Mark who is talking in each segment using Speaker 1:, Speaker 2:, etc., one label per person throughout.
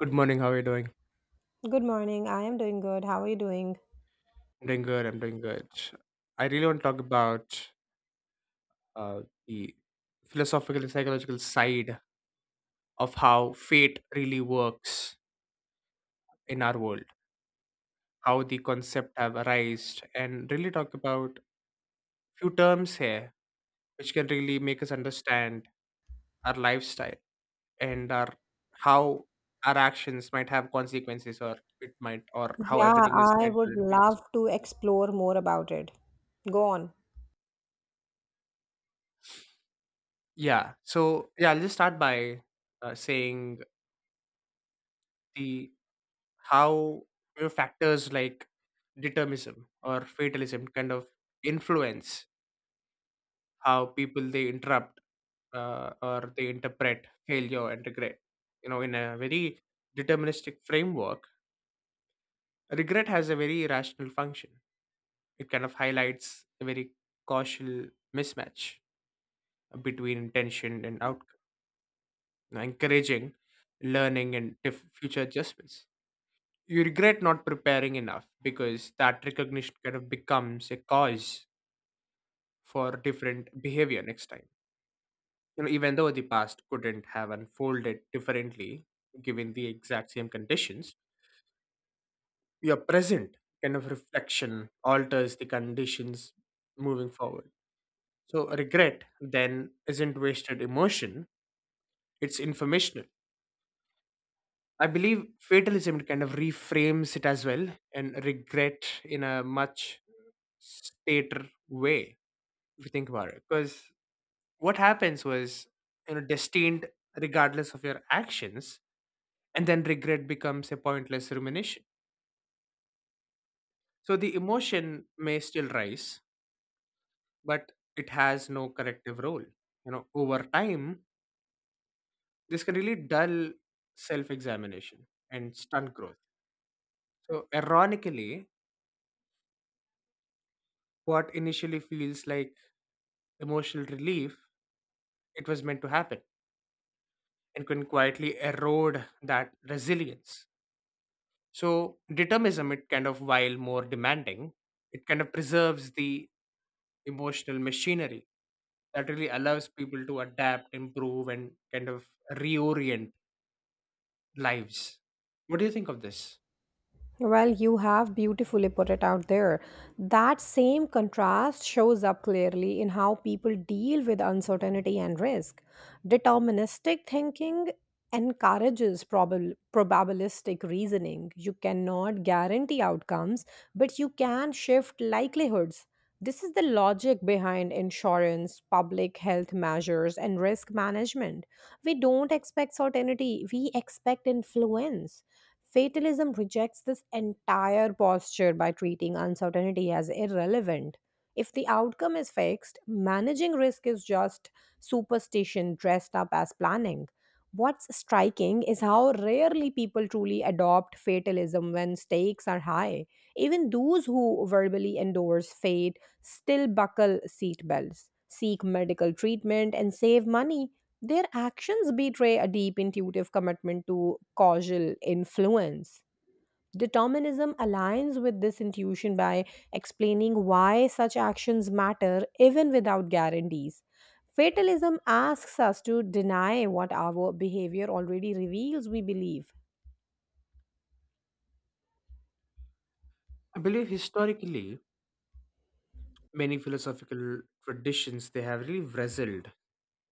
Speaker 1: Good morning. How are you doing?
Speaker 2: Good morning. I am doing good. How are you doing?
Speaker 1: I'm doing good. I'm doing good. I really want to talk about uh, the philosophical and psychological side of how fate really works in our world, how the concept have arisen, and really talk about few terms here which can really make us understand our lifestyle and our how our actions might have consequences or it might or how
Speaker 2: Yeah,
Speaker 1: everything is
Speaker 2: I
Speaker 1: meant
Speaker 2: would
Speaker 1: to be fixed.
Speaker 2: love to explore more about it. Go on.
Speaker 1: Yeah. So yeah, I'll just start by saying the how factors like determinism or fatalism kind of influence how people they interrupt or they interpret failure and regret, in a very deterministic framework, regret has a very rational function. It kind of highlights a very causal mismatch between intention and outcome, encouraging learning and future adjustments. You regret not preparing enough because that recognition kind of becomes a cause for different behavior next time. You know, even though the past couldn't have unfolded differently given the exact same conditions, your present kind of reflection alters the conditions moving forward. So, regret then isn't wasted emotion, it's informational. I believe fatalism kind of reframes it as well, and regret in a much stater way, if you think about it. Because what happens was destined regardless of your actions, and then regret becomes a pointless rumination. So the emotion may still rise, but it has no corrective role. You know, over time this can really dull self examination and stunt growth. So ironically, what initially feels like emotional relief, it was meant to happen, and can quietly erode that resilience. So determinism, it kind of, while more demanding, it kind of preserves the emotional machinery that really allows people to adapt, improve, and kind of reorient lives. What do you think of this?
Speaker 2: Well, you have beautifully put it out there. That same contrast shows up clearly in how people deal with uncertainty and risk. Deterministic thinking encourages probabilistic reasoning. You cannot guarantee outcomes, but you can shift likelihoods. This is the logic behind insurance, public health measures, and risk management. We don't expect certainty, we expect influence. Fatalism rejects this entire posture by treating uncertainty as irrelevant. If the outcome is fixed, managing risk is just superstition dressed up as planning. What's striking is how rarely people truly adopt fatalism when stakes are high. Even those who verbally endorse fate still buckle seatbelts, seek medical treatment, and save money. Their actions betray a deep intuitive commitment to causal influence. Determinism aligns with this intuition by explaining why such actions matter even without guarantees. Fatalism asks us to deny what our behavior already reveals we believe.
Speaker 1: I believe historically, many philosophical traditions they have really wrestled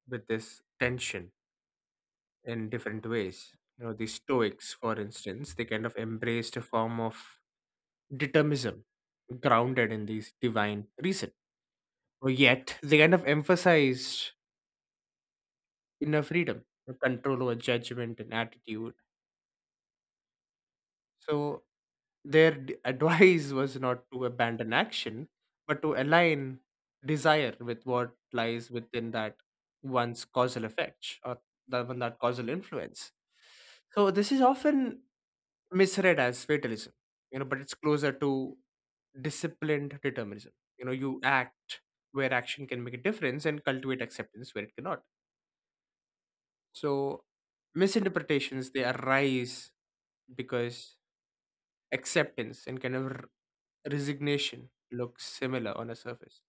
Speaker 1: with this tension in different ways. You know, the Stoics, for instance, they kind of embraced a form of determinism grounded in these divine reason. Or yet they kind of emphasized inner freedom, the control over judgment and attitude. So advice was not to abandon action, but to align desire with what lies within that one's causal effect, or that one that causal influence. So this is often misread as fatalism, you know, but it's closer to disciplined determinism. You know, you act where action can make a difference and cultivate acceptance where it cannot. So misinterpretations they arise because acceptance and kind of resignation look similar on a surface.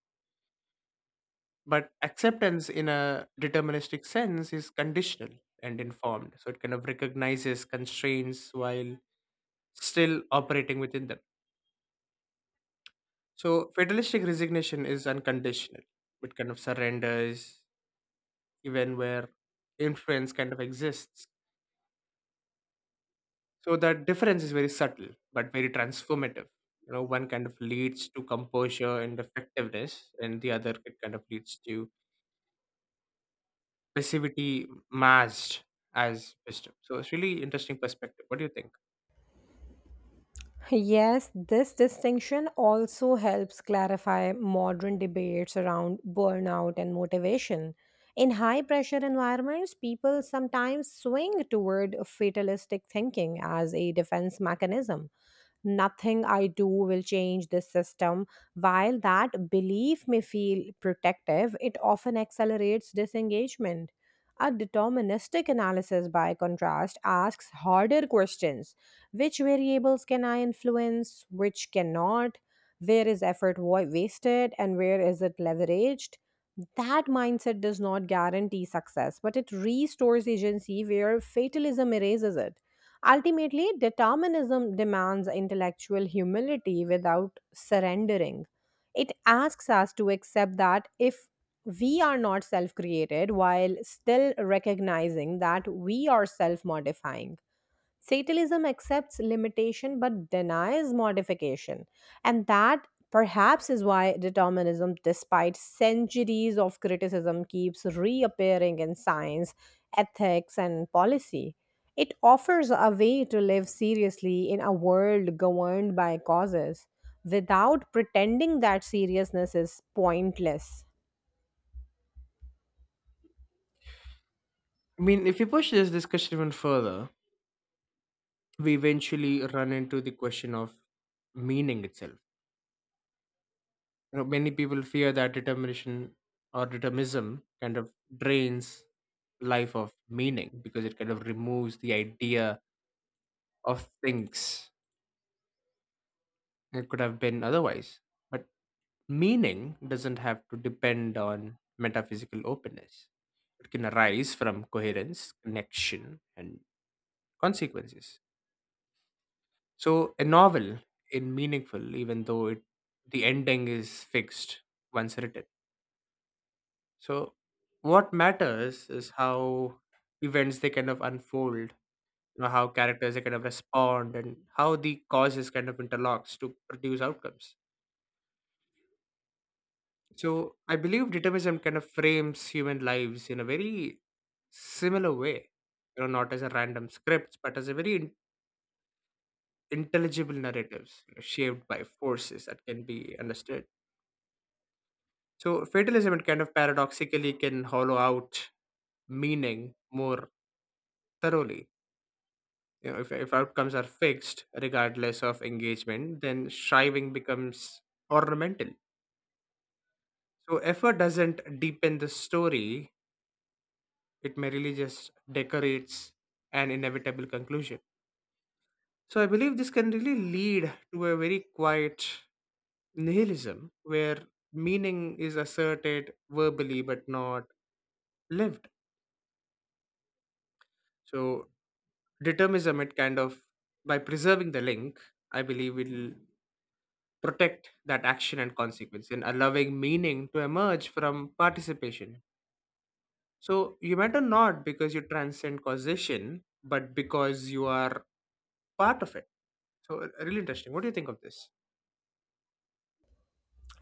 Speaker 1: But acceptance in a deterministic sense is conditional and informed. So it kind of recognizes constraints while still operating within them. So fatalistic resignation is unconditional. It kind of surrenders even where influence kind of exists. So that difference is very subtle but very transformative. You know, one kind of leads to composure and effectiveness, and the other it kind of leads to passivity masked as wisdom. So it's really interesting perspective. What do you think?
Speaker 2: Yes, this distinction also helps clarify modern debates around burnout and motivation. In high pressure environments, people sometimes swing toward fatalistic thinking as a defense mechanism. Nothing I do will change this system. While that belief may feel protective, it often accelerates disengagement. A deterministic analysis, by contrast, asks harder questions. Which variables can I influence, which cannot, where is effort wasted, and where is it leveraged? That mindset does not guarantee success, but it restores agency where fatalism erases it. Ultimately, determinism demands intellectual humility without surrendering. It asks us to accept that if we are not self created, while still recognizing that we are self modifying. Fatalism accepts limitation but denies modification. And that perhaps is why determinism, despite centuries of criticism, keeps reappearing in science, ethics, and policy. It offers a way to live seriously in a world governed by causes without pretending that seriousness is pointless.
Speaker 1: I mean, if we push this discussion even further, we eventually run into the question of meaning itself. You know, many people fear that determination or determinism kind of drains life of meaning because it kind of removes the idea of things. It could have been otherwise. But meaning doesn't have to depend on metaphysical openness. It can arise from coherence, connection, and consequences. So a novel is meaningful even though it the ending is fixed once written. So what matters is how events they kind of unfold, you know, how characters they kind of respond and how the causes kind of interlocks to produce outcomes. So I believe determinism kind of frames human lives in a very similar way. You know, not as a random scripts, but as a very intelligible narratives, shaped by forces that can be understood. So fatalism, it kind of paradoxically can hollow out meaning more thoroughly. You know, if outcomes are fixed regardless of engagement, then striving becomes ornamental. So effort doesn't deepen the story, it merely just decorates an inevitable conclusion. So I believe this can really lead to a very quiet nihilism where meaning is asserted verbally but not lived. So determinism, it kind of, by preserving the link, I believe will protect that action and consequence, and allowing meaning to emerge from participation. So you matter not because you transcend causation, but because you are part of it. So really interesting. What do you think of this?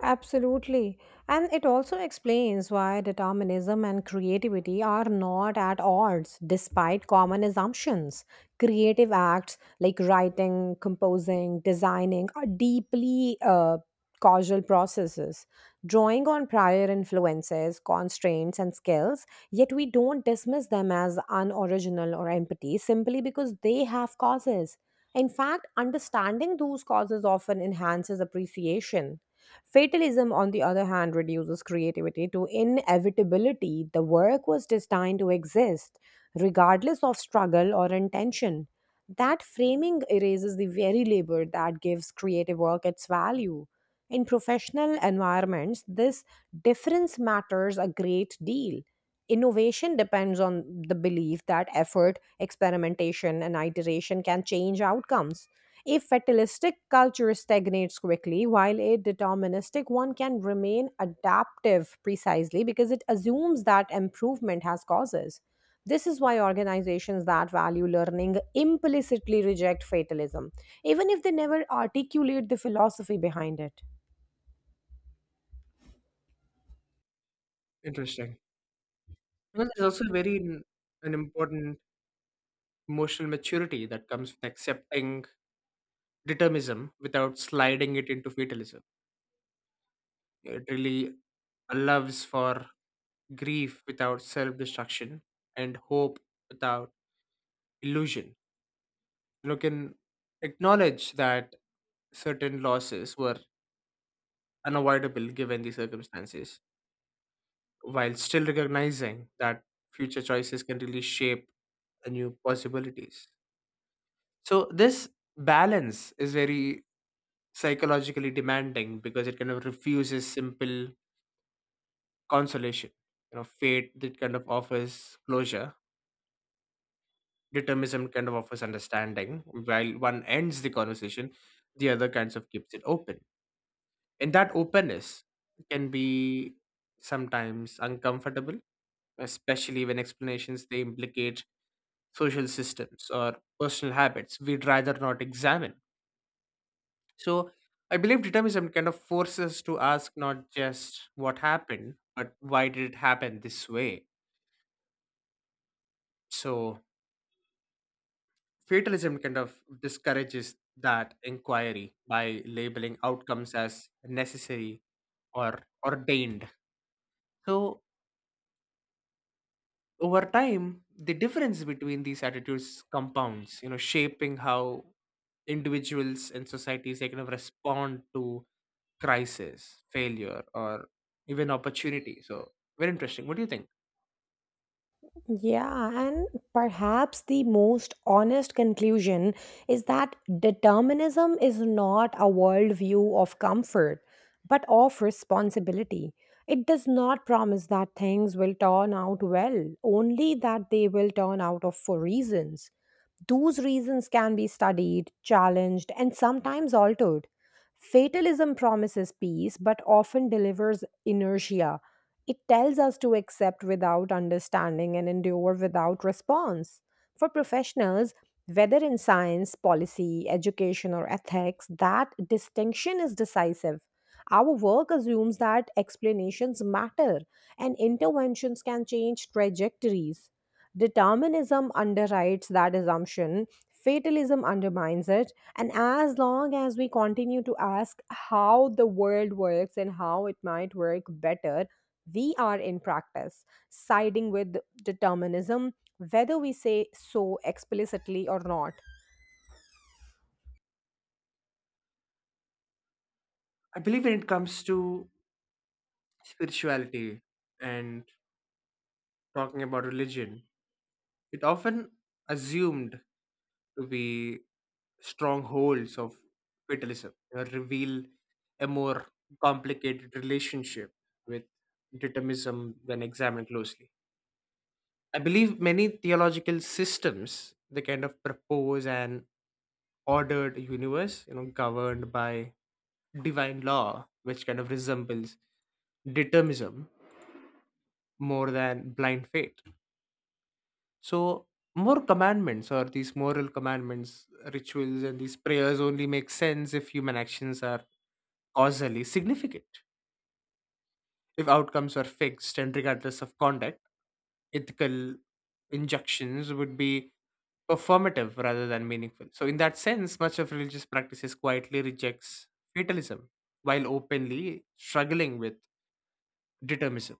Speaker 2: Absolutely. And it also explains why determinism and creativity are not at odds despite common assumptions. Creative acts like writing, composing, designing are deeply causal processes, drawing on prior influences, constraints, and skills, yet we don't dismiss them as unoriginal or empty simply because they have causes. In fact, understanding those causes often enhances appreciation. Fatalism, on the other hand, reduces creativity to inevitability. The work was destined to exist, regardless of struggle or intention. That framing erases the very labor that gives creative work its value. In professional environments, this difference matters a great deal. Innovation depends on the belief that effort, experimentation, and iteration can change outcomes. A fatalistic culture stagnates quickly, while a deterministic one can remain adaptive precisely because it assumes that improvement has causes. This is why organizations that value learning implicitly reject fatalism, even if they never articulate the philosophy behind it.
Speaker 1: Interesting. Because there's also very an important emotional maturity that comes with accepting determinism without sliding it into fatalism. It really allows for grief without self-destruction and hope without illusion. You can acknowledge that certain losses were unavoidable given the circumstances, while still recognizing that future choices can really shape the new possibilities. So this balance is very psychologically demanding because it kind of refuses simple consolation. You know, fate that kind of offers closure, determinism kind of offers understanding. While one ends the conversation, the other kinds of keeps it open. And that openness can be sometimes uncomfortable, especially when explanations they implicate social systems or personal habits we'd rather not examine. So I believe determinism kind of forces us to ask not just what happened, but why did it happen this way? So fatalism kind of discourages that inquiry by labeling outcomes as necessary or ordained. So over time, the difference between these attitudes compounds, you know, shaping how individuals and societies they kind of respond to crisis, failure, or even opportunity. So very interesting. What do you think?
Speaker 2: Yeah, and perhaps the most honest conclusion is that determinism is not a worldview of comfort, but of responsibility. It does not promise that things will turn out well, only that they will turn out of for reasons. Those reasons can be studied, challenged, and sometimes altered. Fatalism promises peace but often delivers inertia. It tells us to accept without understanding and endure without response. For professionals, whether in science, policy, education, or ethics, that distinction is decisive. Our work assumes that explanations matter and interventions can change trajectories. Determinism underwrites that assumption, fatalism undermines it. And as long as we continue to ask how the world works and how it might work better, we are in practice siding with determinism, whether we say so explicitly or not.
Speaker 1: I believe when it comes to spirituality and talking about religion, it often assumed to be strongholds of fatalism or reveal a more complicated relationship with determinism when examined closely. I believe many theological systems they kind of propose an ordered universe, you know, governed by divine law, which kind of resembles determinism more than blind faith. So more commandments or these moral commandments, rituals, and these prayers only make sense if human actions are causally significant. If outcomes are fixed and regardless of conduct, ethical injunctions would be performative rather than meaningful. So, in that sense, much of religious practices quietly rejects fatalism while openly struggling with determinism.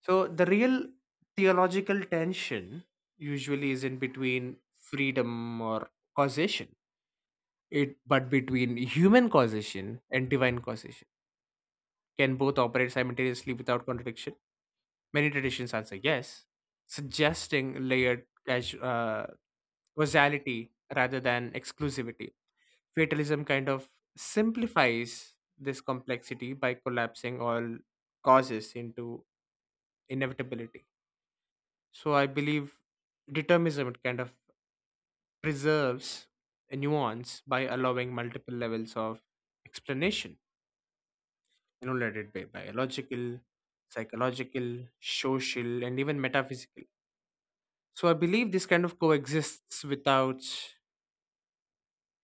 Speaker 1: So the real theological tension usually is in between freedom or causation. It but between human causation and divine causation. Can both operate simultaneously without contradiction? Many traditions answer yes, suggesting layered causality rather than exclusivity. Fatalism kind of simplifies this complexity by collapsing all causes into inevitability. So I believe determinism kind of preserves a nuance by allowing multiple levels of explanation, you know, led it by biological, psychological, social, and even metaphysical. So I believe this kind of coexists without,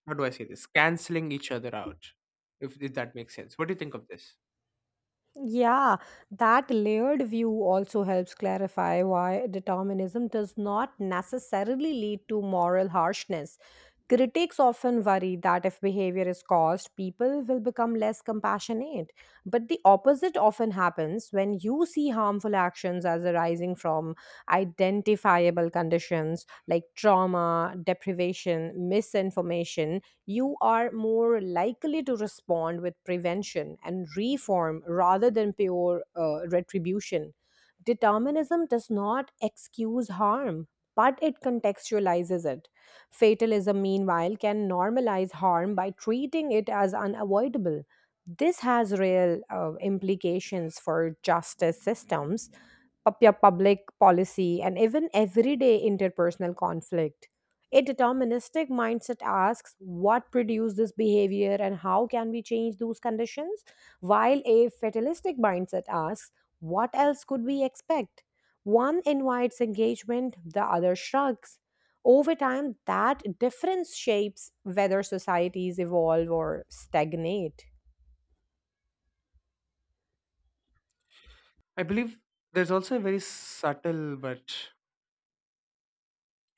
Speaker 1: how do I say this, canceling each other out. If that makes sense. What do you think of this?
Speaker 2: Yeah, that layered view also helps clarify why determinism does not necessarily lead to moral harshness. Critics often worry that if behavior is caused, people will become less compassionate. But the opposite often happens when you see harmful actions as arising from identifiable conditions like trauma, deprivation, misinformation, you are more likely to respond with prevention and reform rather than pure retribution. Determinism does not excuse harm, but it contextualizes it. Fatalism, meanwhile, can normalize harm by treating it as unavoidable. This has real implications for justice systems, public policy, and even everyday interpersonal conflict. A deterministic mindset asks what produced this behavior and how can we change those conditions, while a fatalistic mindset asks what else could we expect. One invites engagement, the other shrugs. Over time, that difference shapes whether societies evolve or stagnate.
Speaker 1: I believe there's also a very subtle but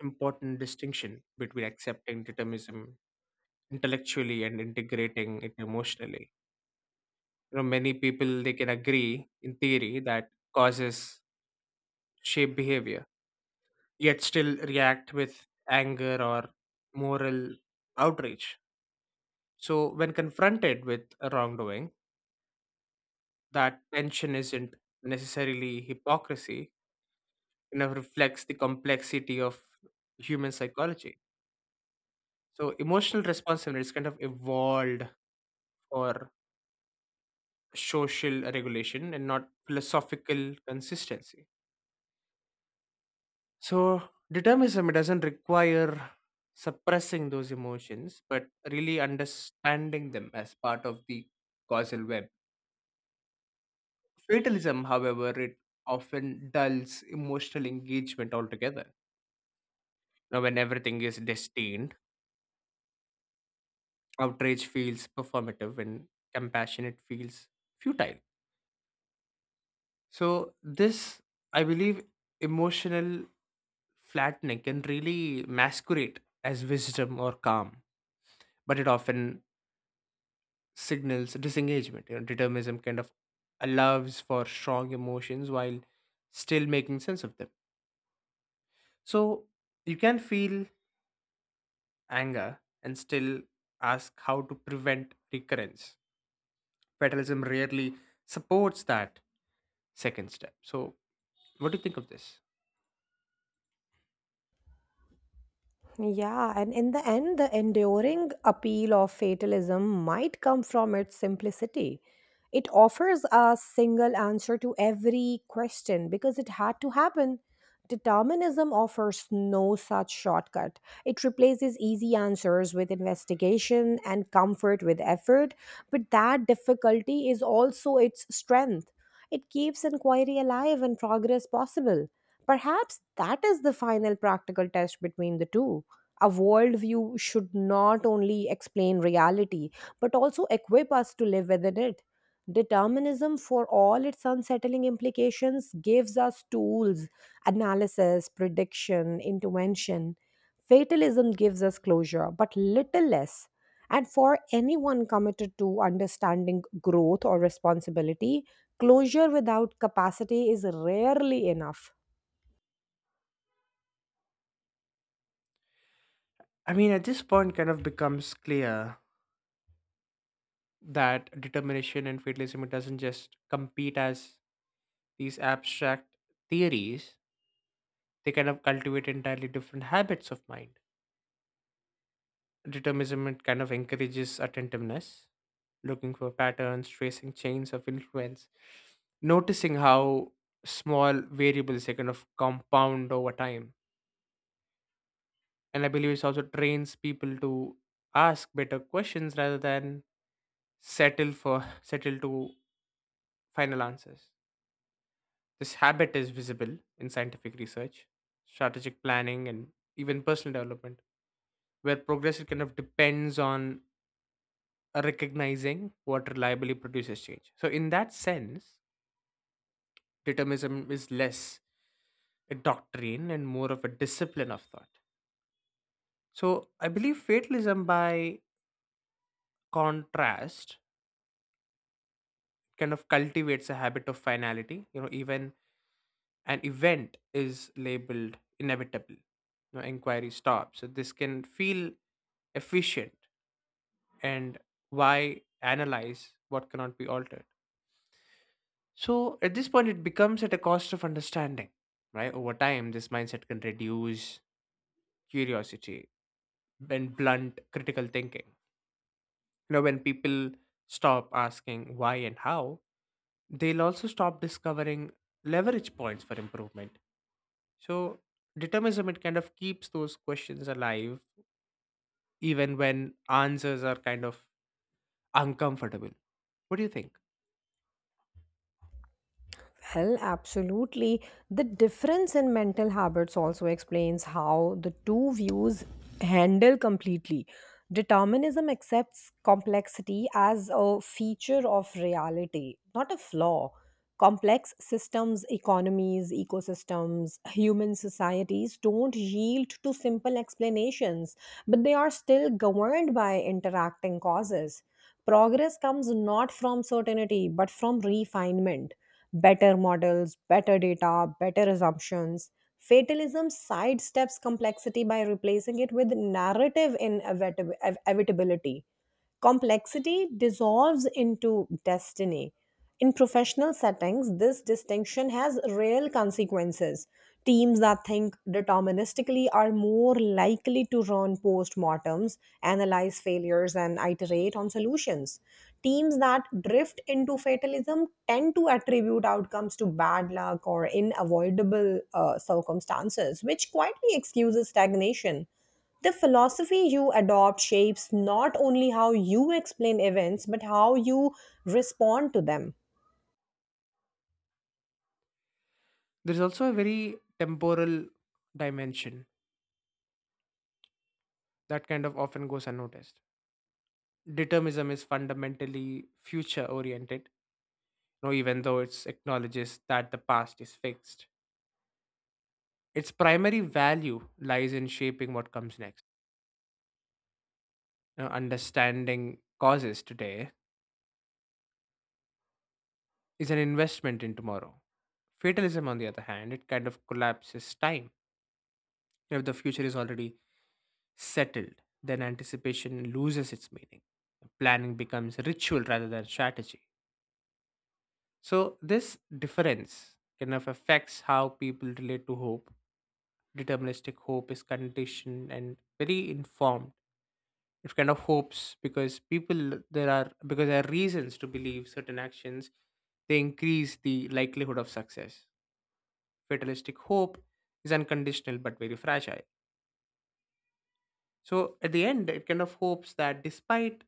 Speaker 1: important distinction between accepting determinism intellectually and integrating it emotionally. You know, many people they can agree in theory that causes shape behavior, yet still react with anger or moral outrage. So when confronted with a wrongdoing, that tension isn't necessarily hypocrisy, reflects the complexity of human psychology. So emotional responsiveness is kind of evolved for social regulation and not philosophical consistency. So, determinism it doesn't require suppressing those emotions, but really understanding them as part of the causal web. Fatalism, however, it often dulls emotional engagement altogether. Now, when everything is destined, outrage feels performative and compassion it feels futile. So, this, I believe, emotional flattening can really masquerade as wisdom or calm, but it often signals disengagement. You know, determinism kind of allows for strong emotions while still making sense of them. So you can feel anger and still ask how to prevent recurrence. Fatalism rarely supports that second step. So, what do you think of this?
Speaker 2: Yeah, and in the end, the enduring appeal of fatalism might come from its simplicity. It offers a single answer to every question because it had to happen. Determinism offers no such shortcut. It replaces easy answers with investigation and comfort with effort, but that difficulty is also its strength. It keeps inquiry alive and progress possible. Perhaps that is the final practical test between the two. A worldview should not only explain reality, but also equip us to live within it. Determinism, for all its unsettling implications, gives us tools, analysis, prediction, intervention. Fatalism gives us closure, but little less. And for anyone committed to understanding growth or responsibility, closure without capacity is rarely enough.
Speaker 1: I mean, at this point, kind of becomes clear that determination and fatalism it doesn't just compete as these abstract theories. They kind of cultivate entirely different habits of mind. Determinism it kind of encourages attentiveness, looking for patterns, tracing chains of influence, noticing how small variables they kind of compound over time. And I believe it also trains people to ask better questions rather than settle for settle to final answers. This habit is visible in scientific research, strategic planning, and even personal development, where progress it kind of depends on recognizing what reliably produces change. So, in that sense, determinism is less a doctrine and more of a discipline of thought. So, I believe fatalism, by contrast, kind of cultivates a habit of finality. You know, even an event is labeled inevitable, you know, inquiry stops. So, this can feel efficient, and why analyze what cannot be altered? So at this point, it becomes at a cost of understanding, right? Over time, this mindset can reduce curiosity and blunt critical thinking. You know, when people stop asking why and how, they'll also stop discovering leverage points for improvement. So determinism, it kind of keeps those questions alive, even when answers are kind of uncomfortable. What do you think?
Speaker 2: Well, absolutely. The difference in mental habits also explains how the two views handle completely. Determinism accepts complexity as a feature of reality, not a flaw. Complex systems, economies, ecosystems, human societies don't yield to simple explanations, but they are still governed by interacting causes. Progress comes not from certainty, but from refinement, better models, better data, better assumptions. Fatalism sidesteps complexity by replacing it with narrative evitability. Complexity dissolves into destiny. In professional settings, this distinction has real consequences. Teams that think deterministically are more likely to run postmortems, analyze failures, and iterate on solutions. Teams that drift into fatalism tend to attribute outcomes to bad luck or unavoidable circumstances, which quietly excuses stagnation. The philosophy you adopt shapes not only how you explain events, but how you respond to them.
Speaker 1: There's also a very temporal dimension that kind of often goes unnoticed. Determinism is fundamentally future oriented, you know, even though it acknowledges that the past is fixed. Its primary value lies in shaping what comes next. You know, understanding causes today is an investment in tomorrow. Fatalism, on the other hand, it kind of collapses time. If the future is already settled, then anticipation loses its meaning. Planning becomes ritual rather than strategy. So this difference kind of affects how people relate to hope. Deterministic hope is conditioned and very informed. It kind of hopes because people there are because there are reasons to believe certain actions, they increase the likelihood of success. Fatalistic hope is unconditional but very fragile. So at the end, it kind of hopes that despite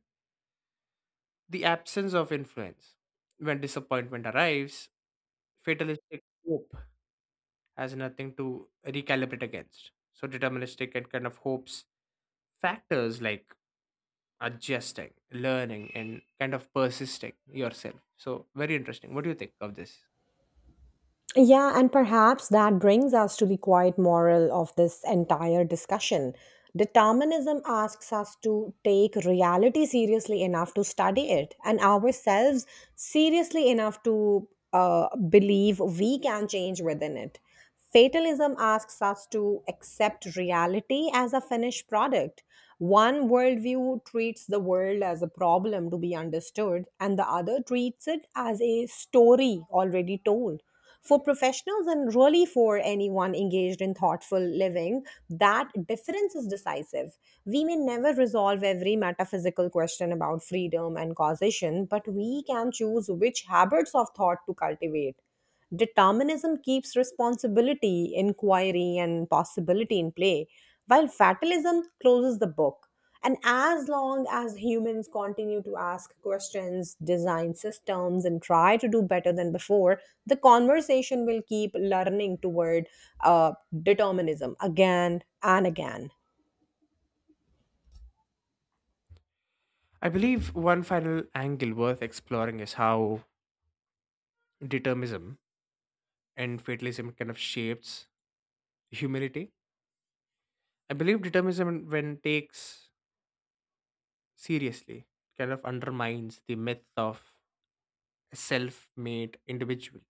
Speaker 1: the absence of influence, when disappointment arrives, fatalistic hope has nothing to recalibrate against. So deterministic and kind of hopes factors like adjusting, learning, and kind of persisting yourself. So, very interesting. What do you think of this?
Speaker 2: Yeah, and perhaps that brings us to the quiet moral of this entire discussion. Determinism asks us to take reality seriously enough to study it and ourselves seriously enough to believe we can change within it. Fatalism asks us to accept reality as a finished product. One worldview treats the world as a problem to be understood, and the other treats it as a story already told. For professionals and really for anyone engaged in thoughtful living, that difference is decisive. We may never resolve every metaphysical question about freedom and causation, but we can choose which habits of thought to cultivate. Determinism keeps responsibility, inquiry, and possibility in play, while fatalism closes the book. And as long as humans continue to ask questions, design systems, and try to do better than before, the conversation will keep learning toward uh, determinism again and again.
Speaker 1: I believe one final angle worth exploring is how determinism and fatalism kind of shapes humility. I believe determinism, when takes seriously, kind of undermines the myth of a self made individual.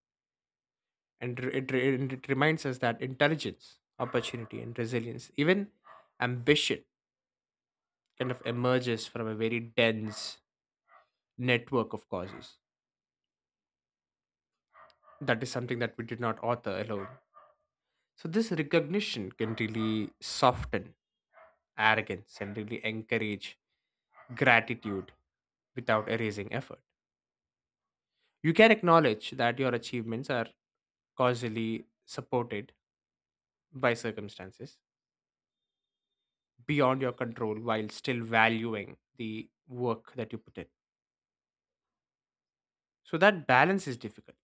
Speaker 1: And it reminds us that intelligence, opportunity, and resilience, even ambition, kind of emerges from a very dense network of causes. That is something that we did not author alone. So, this recognition can really soften arrogance and really encourage gratitude without erasing effort. You can acknowledge that your achievements are causally supported by circumstances beyond your control while still valuing the work that you put in. So, that balance is difficult,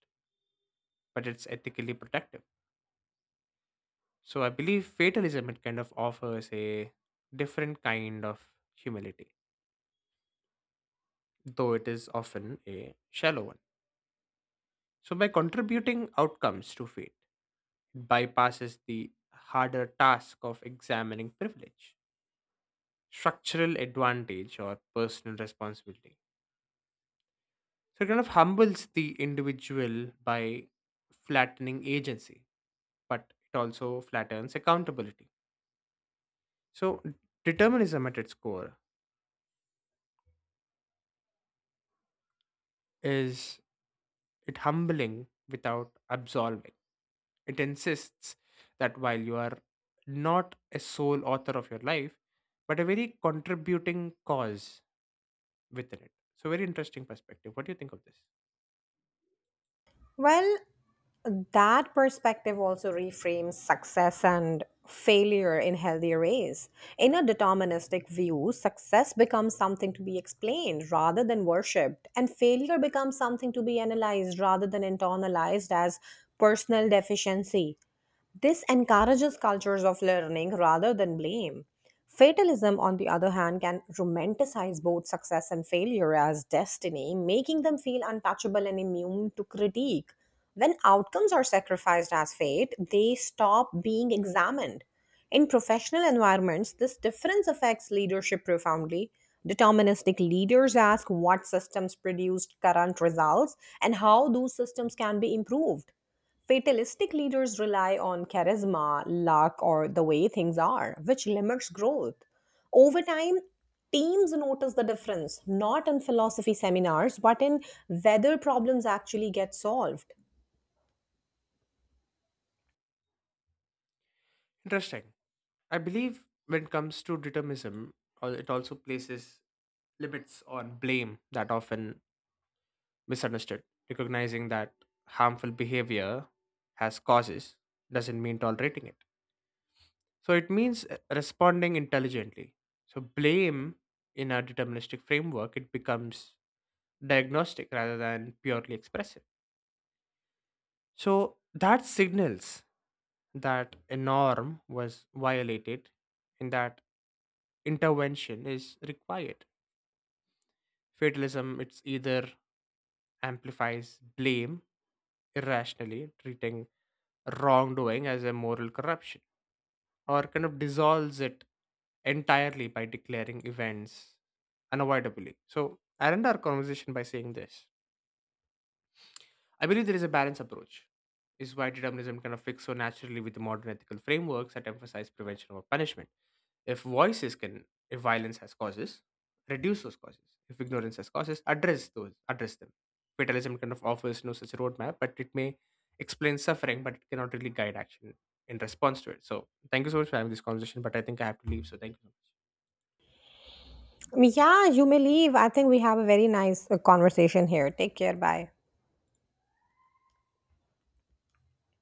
Speaker 1: but it's ethically protective. So I believe fatalism it kind of offers a different kind of humility, though it is often a shallow one. So by contributing outcomes to fate, it bypasses the harder task of examining privilege, structural advantage, or personal responsibility. So it kind of humbles the individual by flattening agency, but it also flattens accountability. So determinism at its core is it humbling without absolving. It insists that while you are not a sole author of your life, but a very contributing cause within it. So, very interesting perspective. What do you think of this?
Speaker 2: Well, that perspective also reframes success and failure in healthier ways. In a deterministic view, success becomes something to be explained rather than worshipped, and failure becomes something to be analyzed rather than internalized as personal deficiency. This encourages cultures of learning rather than blame. Fatalism, on the other hand, can romanticize both success and failure as destiny, making them feel untouchable and immune to critique. When outcomes are sacrificed as fate, they stop being examined. In professional environments, this difference affects leadership profoundly. Deterministic leaders ask what systems produced current results and how those systems can be improved. Fatalistic leaders rely on charisma, luck, or the way things are, which limits growth. Over time, teams notice the difference, not in philosophy seminars, but in whether problems actually get solved.
Speaker 1: Interesting. I believe when it comes to determinism, it also places limits on blame that often misunderstood. Recognizing that harmful behavior has causes doesn't mean tolerating it. So it means, responding intelligently. So blame in a deterministic framework, it becomes diagnostic rather than purely expressive. So that signals that a norm was violated and that intervention is required. Fatalism, it's either amplifies blame irrationally, treating wrongdoing as a moral corruption or kind of dissolves it entirely by declaring events unavoidably. So I end our conversation by saying this. I believe there is a balanced approach, is why determinism kind of fits so naturally with the modern ethical frameworks that emphasize prevention over punishment. If voices can, if violence has causes, reduce those causes. If ignorance has causes, address those, address them. Fatalism kind of offers no such roadmap, but it may explain suffering, but it cannot really guide action in response to it. So, thank you so much for having this conversation. But I think I have to leave. So, thank you so much.
Speaker 2: Yeah, you may leave. I think we have a very nice conversation here. Take care. Bye.